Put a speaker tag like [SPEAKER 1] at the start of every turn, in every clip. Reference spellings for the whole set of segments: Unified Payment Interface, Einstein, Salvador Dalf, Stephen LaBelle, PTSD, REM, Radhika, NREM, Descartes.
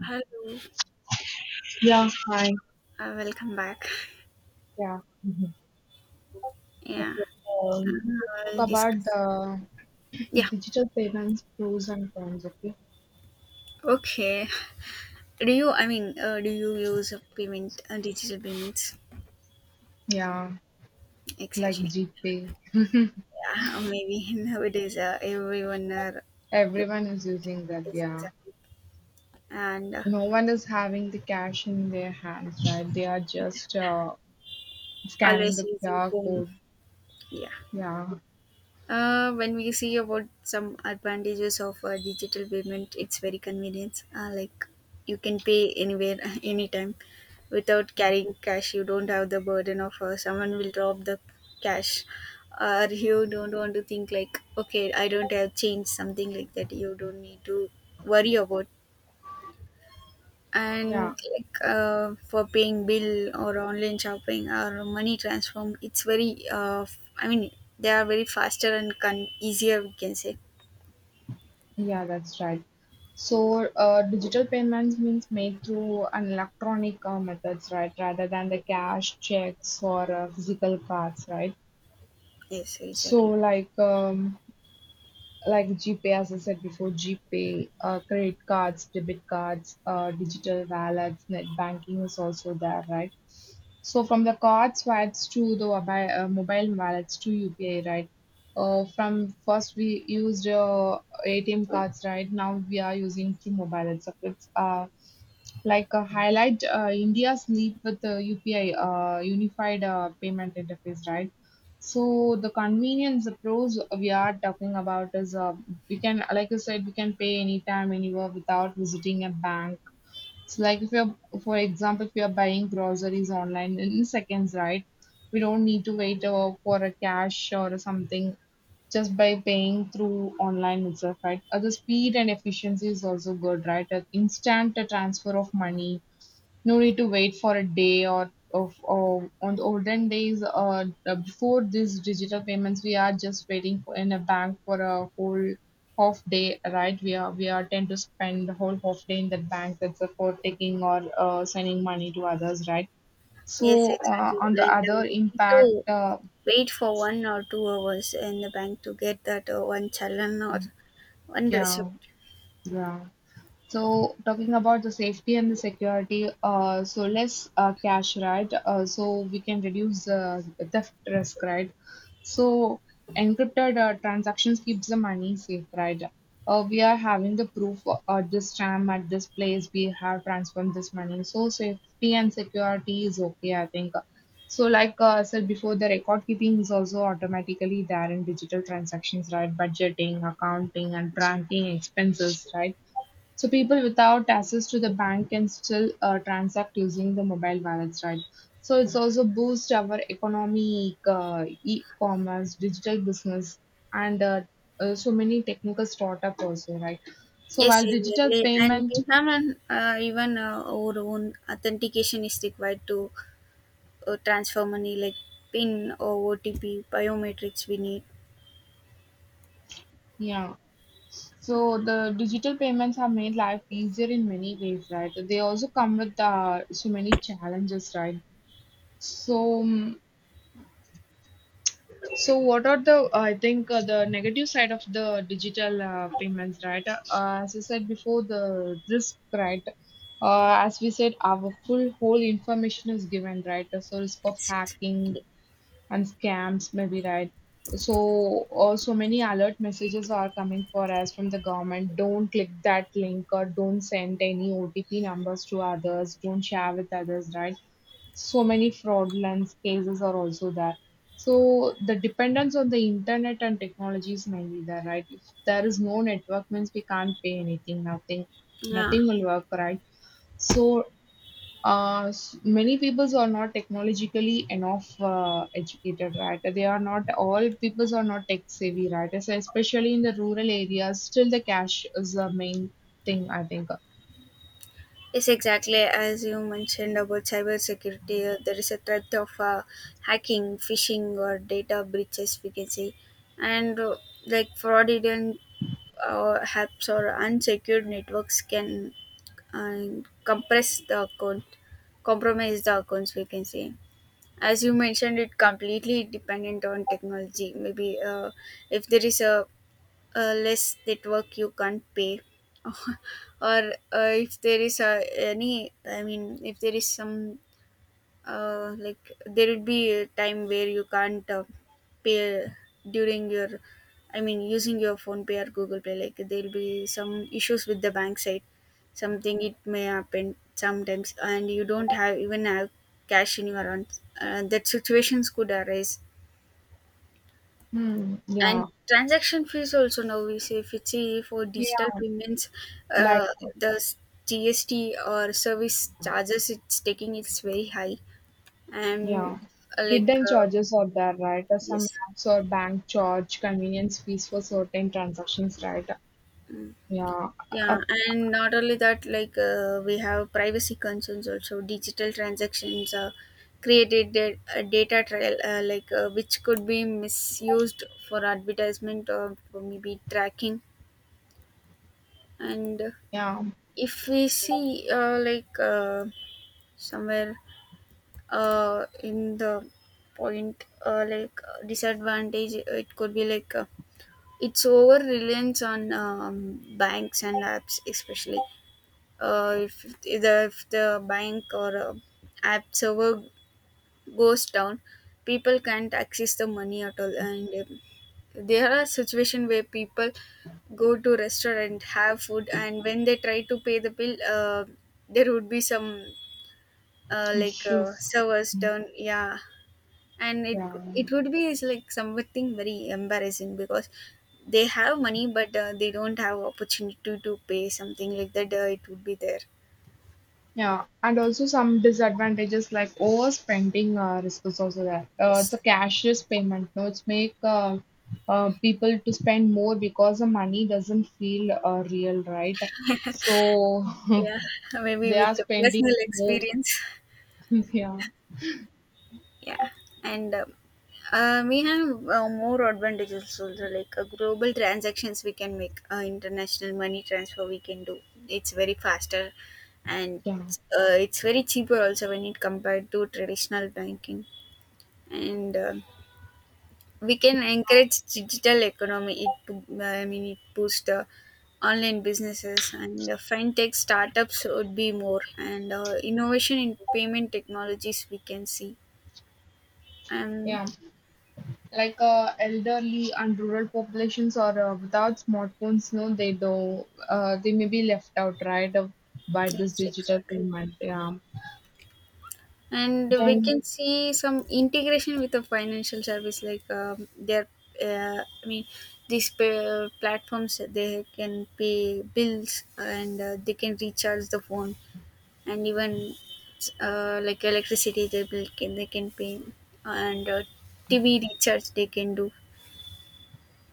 [SPEAKER 1] Hello,
[SPEAKER 2] Yeah, hi.
[SPEAKER 1] welcome back.
[SPEAKER 2] Yeah. Mhm.
[SPEAKER 1] Yeah,
[SPEAKER 2] Okay. We
[SPEAKER 1] uh,
[SPEAKER 2] talk
[SPEAKER 1] I'll
[SPEAKER 2] about
[SPEAKER 1] discuss.
[SPEAKER 2] the
[SPEAKER 1] Yeah,
[SPEAKER 2] digital payments pros and cons. Okay.
[SPEAKER 1] okay. Do you use a digital payments?
[SPEAKER 2] Yeah, like
[SPEAKER 1] Exactly.
[SPEAKER 2] GPay.
[SPEAKER 1] Yeah, maybe nowadays everyone are,
[SPEAKER 2] Everyone is using that.
[SPEAKER 1] is
[SPEAKER 2] Yeah.
[SPEAKER 1] exactly, and
[SPEAKER 2] No one is having the cash in their hands, right? They are just scanning
[SPEAKER 1] always
[SPEAKER 2] the
[SPEAKER 1] using
[SPEAKER 2] QR
[SPEAKER 1] phone.
[SPEAKER 2] code.
[SPEAKER 1] Yeah.
[SPEAKER 2] Yeah.
[SPEAKER 1] When we see about some advantages of digital payment, it's very convenient. Like you can pay anywhere, anytime, without carrying cash. You don't have the burden of someone will drop the cash, or you don't want to think like, okay, I don't have change, something like that. You don't need to worry about. And
[SPEAKER 2] Yeah.
[SPEAKER 1] like for paying bill or online shopping or money transfer, it's very, I mean they are very faster and easier, we can say.
[SPEAKER 2] Yeah. That's right. So, digital payments means made through an electronic methods, right? Rather than the cash, checks, or physical cards, right?
[SPEAKER 1] Yes,
[SPEAKER 2] So
[SPEAKER 1] exactly.
[SPEAKER 2] like GPay, as I said before, GPay, credit cards, debit cards, digital wallets, net banking is also there, right? So from the cards wallets to the mobile, mobile wallets to UPI, right? From first we used ATM cards, right? Now we are using through mobile itself. It's like highlight India's leap with the UPI, Unified Payment Interface, right? So the convenience, the pros we are talking about is we can, like you said, we can pay anytime, anywhere without visiting a bank. So like if you're, for example, if you're buying groceries online in seconds, right? We don't need to wait for a cash or something, just by paying through online itself, right? The speed and efficiency is also good, right? An instant transfer of money, no need to wait for a day or on the olden days, before these digital payments we are just waiting for in a bank for a whole half day, right? We are tend to spend the whole half day in that bank. That's for taking or sending money to others, right?
[SPEAKER 1] Yes,
[SPEAKER 2] So on
[SPEAKER 1] exactly.
[SPEAKER 2] the
[SPEAKER 1] and
[SPEAKER 2] other
[SPEAKER 1] uh, we need
[SPEAKER 2] impact,
[SPEAKER 1] to wait for 1 or 2 hours in the bank to get that one challan or one
[SPEAKER 2] yeah,
[SPEAKER 1] receipt.
[SPEAKER 2] yeah. So talking about the safety and the security, so less cash, right? So we can reduce the theft risk, right? So encrypted transactions keeps the money safe, right? We are having the proof, this time at this place we have transformed this money. So safety and security is okay, I think. So like I said before, the record keeping is also automatically there in digital transactions, right? Budgeting, accounting, and tracking expenses, right? So people without access to the bank can still transact using the mobile wallets, right? So it's also boost our economic, e-commerce, digital business, and so many technical startup also, right? So
[SPEAKER 1] Yes,
[SPEAKER 2] while digital
[SPEAKER 1] exactly. And
[SPEAKER 2] payment,
[SPEAKER 1] we have an even our own authentication is required to transfer money, like PIN or OTP biometrics we need.
[SPEAKER 2] yeah, so the digital payments have made life easier in many ways, right? They also come with so many challenges, right? So so, what are the I think the negative side of the digital payments, right? As I said before, the risk, right? As we said, our full whole information is given, right? So, risk of
[SPEAKER 1] Exactly.
[SPEAKER 2] hacking and scams, maybe, right? So, also many alert messages are coming for us from the government. Don't click that link or don't send any OTP numbers to others. Don't share with others, right? So many fraudulence cases are also there. So the dependence on the internet and technology is mainly there, right? If there is no network, means we can't pay anything, nothing,
[SPEAKER 1] Yeah.
[SPEAKER 2] nothing will work, right? So many peoples are not technologically enough educated, right? They are not All peoples are not tech savvy, right? So especially in the rural areas, still the cash is the main thing, I think.
[SPEAKER 1] Yes, exactly. As you mentioned about cybersecurity, there is a threat of hacking, phishing, or data breaches, we can say. And like fraudulent apps or unsecured networks can uh, compress the account, compromise the accounts, we can say. As you mentioned, it completely dependent on technology. Maybe if there is a less network you can't pay, or if there is any, I mean if there is some, like there would be a time where you can't pay during your, I mean using your phone pay or google pay, like there'll be some issues with the bank side, something it may happen sometimes and you don't have even have cash in your hand, that situations could arise.
[SPEAKER 2] Hmm,
[SPEAKER 1] And
[SPEAKER 2] yeah,
[SPEAKER 1] transaction fees also, now we say if it's say for
[SPEAKER 2] yeah,
[SPEAKER 1] digital payments,
[SPEAKER 2] like.
[SPEAKER 1] uh, the GST or service charges it's taking, it's very high. And
[SPEAKER 2] Yeah.
[SPEAKER 1] like,
[SPEAKER 2] Hidden charges are there, right? Some
[SPEAKER 1] yes.
[SPEAKER 2] apps or bank charge convenience fees for certain transactions, right?
[SPEAKER 1] Mm.
[SPEAKER 2] Yeah. Uh,
[SPEAKER 1] Yeah, and not only that, like we have privacy concerns also. Digital transactions are created a data trail, like, which could be misused for advertisement or for maybe tracking. And
[SPEAKER 2] yeah.
[SPEAKER 1] if we see, like somewhere in the point, like disadvantage, it could be like, it's over reliance on banks and apps, especially if the bank or app server goes down, people can't access the money at all. And there are situations where people go to restaurant, have food, and when they try to pay the bill, there would be some, like,
[SPEAKER 2] Issues.
[SPEAKER 1] servers down, yeah. And it
[SPEAKER 2] Yeah.
[SPEAKER 1] it would be is like something very embarrassing, because they have money but they don't have opportunity to pay something like that. It would be there.
[SPEAKER 2] Yeah. And also some disadvantages like overspending risks also there. It's
[SPEAKER 1] Yes.
[SPEAKER 2] a cashless payment. No, it's make people to spend more because the money doesn't feel real, right? So
[SPEAKER 1] Yeah, maybe
[SPEAKER 2] they
[SPEAKER 1] with
[SPEAKER 2] are
[SPEAKER 1] the
[SPEAKER 2] spending
[SPEAKER 1] personal
[SPEAKER 2] more.
[SPEAKER 1] experience.
[SPEAKER 2] yeah.
[SPEAKER 1] Yeah, and we have more advantages also, like global transactions we can make, international money transfer we can do. It's very faster, and
[SPEAKER 2] Yeah.
[SPEAKER 1] it's very cheaper also when it compared to traditional banking. And we can encourage digital economy. It, I mean, it boosts online businesses, and fintech startups would be more, and innovation in payment technologies we can see. And.
[SPEAKER 2] Yeah. Like elderly and rural populations are without smartphones, no, they do they may be left out, right, of, by this
[SPEAKER 1] Yes,
[SPEAKER 2] digital
[SPEAKER 1] exactly.
[SPEAKER 2] payment, yeah,
[SPEAKER 1] And we
[SPEAKER 2] then
[SPEAKER 1] can see some integration with the financial service, like their, I mean, these platforms, they can pay bills and they can recharge the phone, and even like electricity they bill can they can pay, and TV recharge they can do.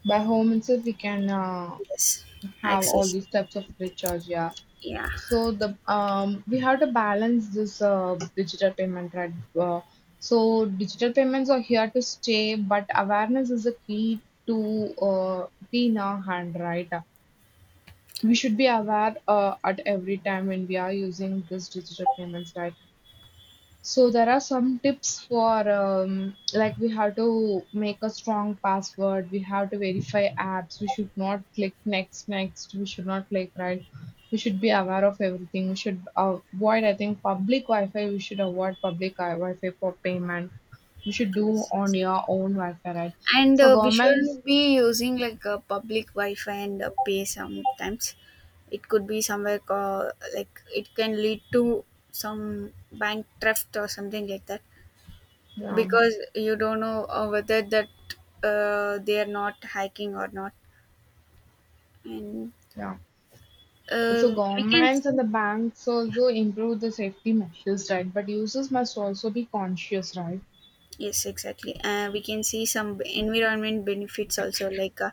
[SPEAKER 2] by home itself we can,
[SPEAKER 1] Yes,
[SPEAKER 2] have all
[SPEAKER 1] access.
[SPEAKER 2] these types of recharge, yeah.
[SPEAKER 1] Yeah.
[SPEAKER 2] So the we have to balance this digital payment, right? uh, so digital payments are here to stay, but awareness is a key, to key in our hand, right? We should be aware at every time when we are using this digital payments, right? So there are some tips for like we have to make a strong password. We have to verify apps. We should not click next, next. We should not click right. We should be aware of everything. We should avoid, I think, public Wi-Fi. We should avoid public Wi-Fi for payment. We should do
[SPEAKER 1] Yes,
[SPEAKER 2] on your
[SPEAKER 1] exactly.
[SPEAKER 2] own Wi-Fi, right?
[SPEAKER 1] and
[SPEAKER 2] So
[SPEAKER 1] uh, we shouldn't
[SPEAKER 2] governments,
[SPEAKER 1] be using like a public wi-fi and pay sometimes. It could be somewhere, like it can lead to some bank theft or something like that,
[SPEAKER 2] yeah,
[SPEAKER 1] because you don't know whether that, they are not hacking or not. And
[SPEAKER 2] yeah. So
[SPEAKER 1] we can
[SPEAKER 2] governments and
[SPEAKER 1] see.
[SPEAKER 2] the banks also improve the safety measures, right? But users must also be conscious, right?
[SPEAKER 1] Yes, exactly. We can see some environment benefits also, like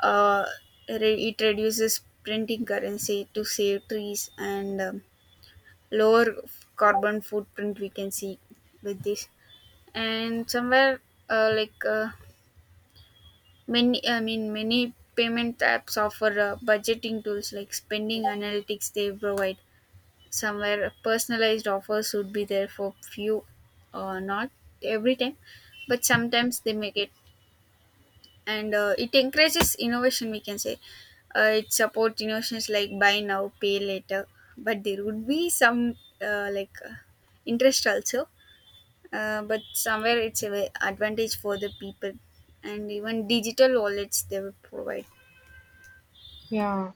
[SPEAKER 1] uh, it reduces printing currency to save trees, and lower carbon footprint we can see with this. And somewhere, like many, I mean many payment apps offer budgeting tools like spending analytics they provide, somewhere personalized offers would be there for few, or not every time, but sometimes they make it. And it encourages innovation, we can say. It supports innovations like buy now pay later, but there would be some, like, interest also. But somewhere it's an advantage for the people. And even digital wallets they will provide.
[SPEAKER 2] Yeah.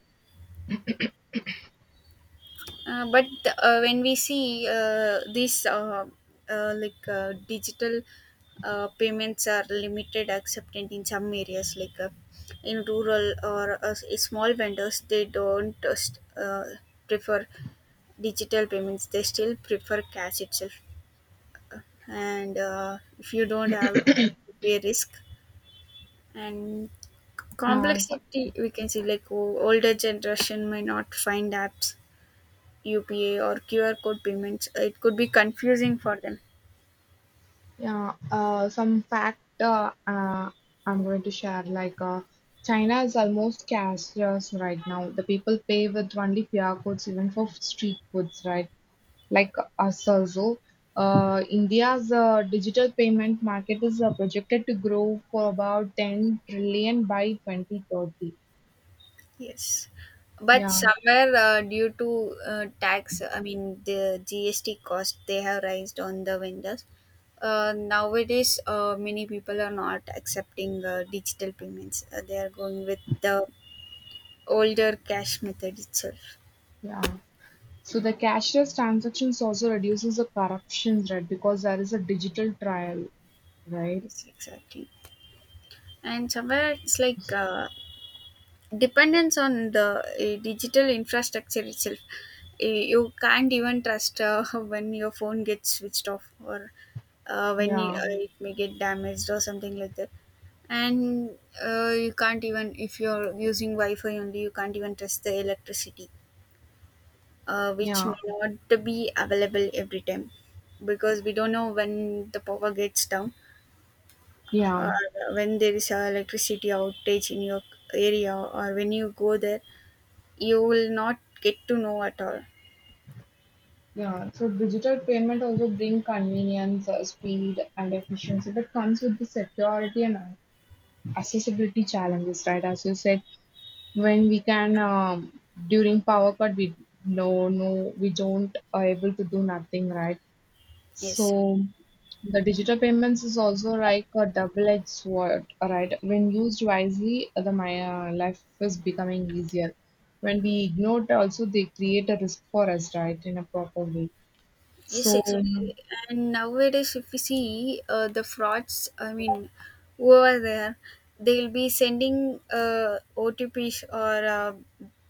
[SPEAKER 1] But when we see this digital payments are limited accepted in some areas, like in rural, or small vendors they don't just prefer digital payments, they still prefer cash itself. And if you don't have, it would be a risk. And
[SPEAKER 2] Yeah, so,
[SPEAKER 1] complexity we can see, like older generation may not find apps, upa or QR code payments, it could be confusing for them.
[SPEAKER 2] yeah. Some fact, I'm going to share, like China is almost cashless right now. The people pay with only QR codes even for street foods, right? Like us also. India's digital payment market is projected to grow for about 10 trillion by 2030.
[SPEAKER 1] Yes. But
[SPEAKER 2] Yeah,
[SPEAKER 1] somewhere, due to tax, I mean the GST cost they have raised on the vendors, nowadays many people are not accepting digital payments, they are going with the older cash method itself.
[SPEAKER 2] yeah. So the cashless transactions also reduces the corruption, right? Because there is a digital trial, right?
[SPEAKER 1] Yes, exactly. And somewhere it's like, dependence on the digital infrastructure itself. You can't even trust, when your phone gets switched off, or when you,
[SPEAKER 2] Yeah,
[SPEAKER 1] it may get damaged or something like that. And you can't, even if you're using wi-fi only, you can't even trust the electricity, which
[SPEAKER 2] yeah,
[SPEAKER 1] may not be available every time, because we don't know when the power gets down,
[SPEAKER 2] yeah,
[SPEAKER 1] or when there is a electricity outage in your area, or when you go there you will not get to know at all.
[SPEAKER 2] yeah. So digital payment also bring convenience, speed, and efficiency, but comes with the security and accessibility challenges, right? As you said, when we can during power cut, we, no, no, we don't are able to do nothing, right?
[SPEAKER 1] Yes.
[SPEAKER 2] So the digital payments is also like a double-edged sword, right? When used wisely, the my life is becoming easier. When we ignore it, also they create a risk for us, right, in a proper way.
[SPEAKER 1] Yes,
[SPEAKER 2] So,
[SPEAKER 1] exactly. And nowadays, if you see the frauds, I mean, who are there, they'll be sending OTPs or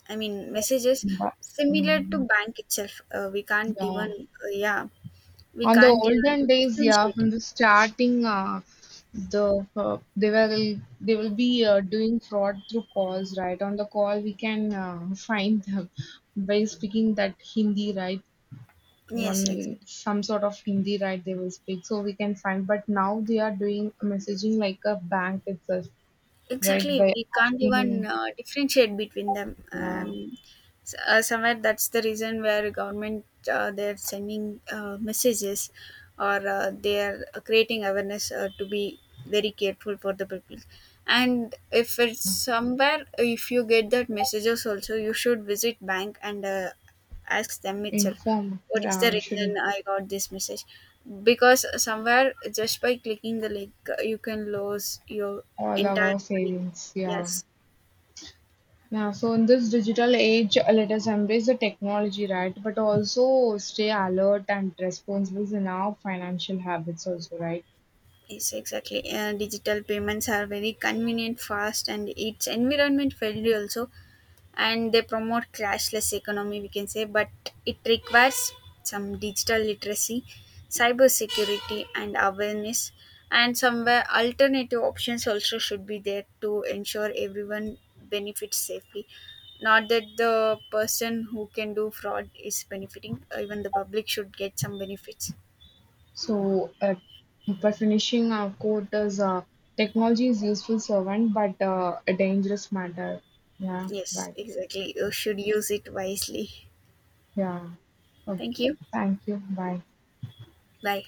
[SPEAKER 1] I mean
[SPEAKER 2] so-
[SPEAKER 1] messages
[SPEAKER 2] but-
[SPEAKER 1] similar to
[SPEAKER 2] mm,
[SPEAKER 1] bank itself. We can't
[SPEAKER 2] yeah.
[SPEAKER 1] even, yeah, we
[SPEAKER 2] On the
[SPEAKER 1] can't
[SPEAKER 2] olden
[SPEAKER 1] even
[SPEAKER 2] days, yeah,
[SPEAKER 1] differentiate.
[SPEAKER 2] from the starting, they will be doing fraud through calls, right? On the call, we can find them by speaking that Hindi, right?
[SPEAKER 1] Yes, exactly.
[SPEAKER 2] One some sort of Hindi, right? They will speak, so we can find. But now they are doing messaging like a bank itself, right?
[SPEAKER 1] Exactly,
[SPEAKER 2] By
[SPEAKER 1] we can't even
[SPEAKER 2] asking,
[SPEAKER 1] differentiate between them.
[SPEAKER 2] uh,
[SPEAKER 1] Somewhere that's the reason where government they're sending messages, or they're creating awareness to be very careful for the people. And if it's somewhere, if you get that messages also, you should visit bank and ask them itself
[SPEAKER 2] inform,
[SPEAKER 1] what is the
[SPEAKER 2] yeah, we
[SPEAKER 1] reason
[SPEAKER 2] should,
[SPEAKER 1] I got this message, because somewhere, just by clicking the link, you can lose your
[SPEAKER 2] all
[SPEAKER 1] entire
[SPEAKER 2] our
[SPEAKER 1] money.
[SPEAKER 2] savings, yeah.
[SPEAKER 1] Yes.
[SPEAKER 2] Yeah, so in this digital age, let us embrace the technology, right? But also stay alert and responsible in our financial habits, also, right?
[SPEAKER 1] Yes, exactly. Digital payments are very convenient, fast, and its environment friendly also, and they promote cashless economy, we can say. But it requires some digital literacy, cyber security and awareness. And somewhere alternative options also should be there to ensure everyone benefits safely, not that the person who can do fraud is benefiting, even the public should get some benefits.
[SPEAKER 2] So, by finishing our quote is technology is useful servant, but a dangerous matter. Yeah,
[SPEAKER 1] Yes,
[SPEAKER 2] right.
[SPEAKER 1] exactly, you should use it wisely.
[SPEAKER 2] Yeah.
[SPEAKER 1] Thank
[SPEAKER 2] Okay.
[SPEAKER 1] you.
[SPEAKER 2] Thank you. Bye.
[SPEAKER 1] Bye.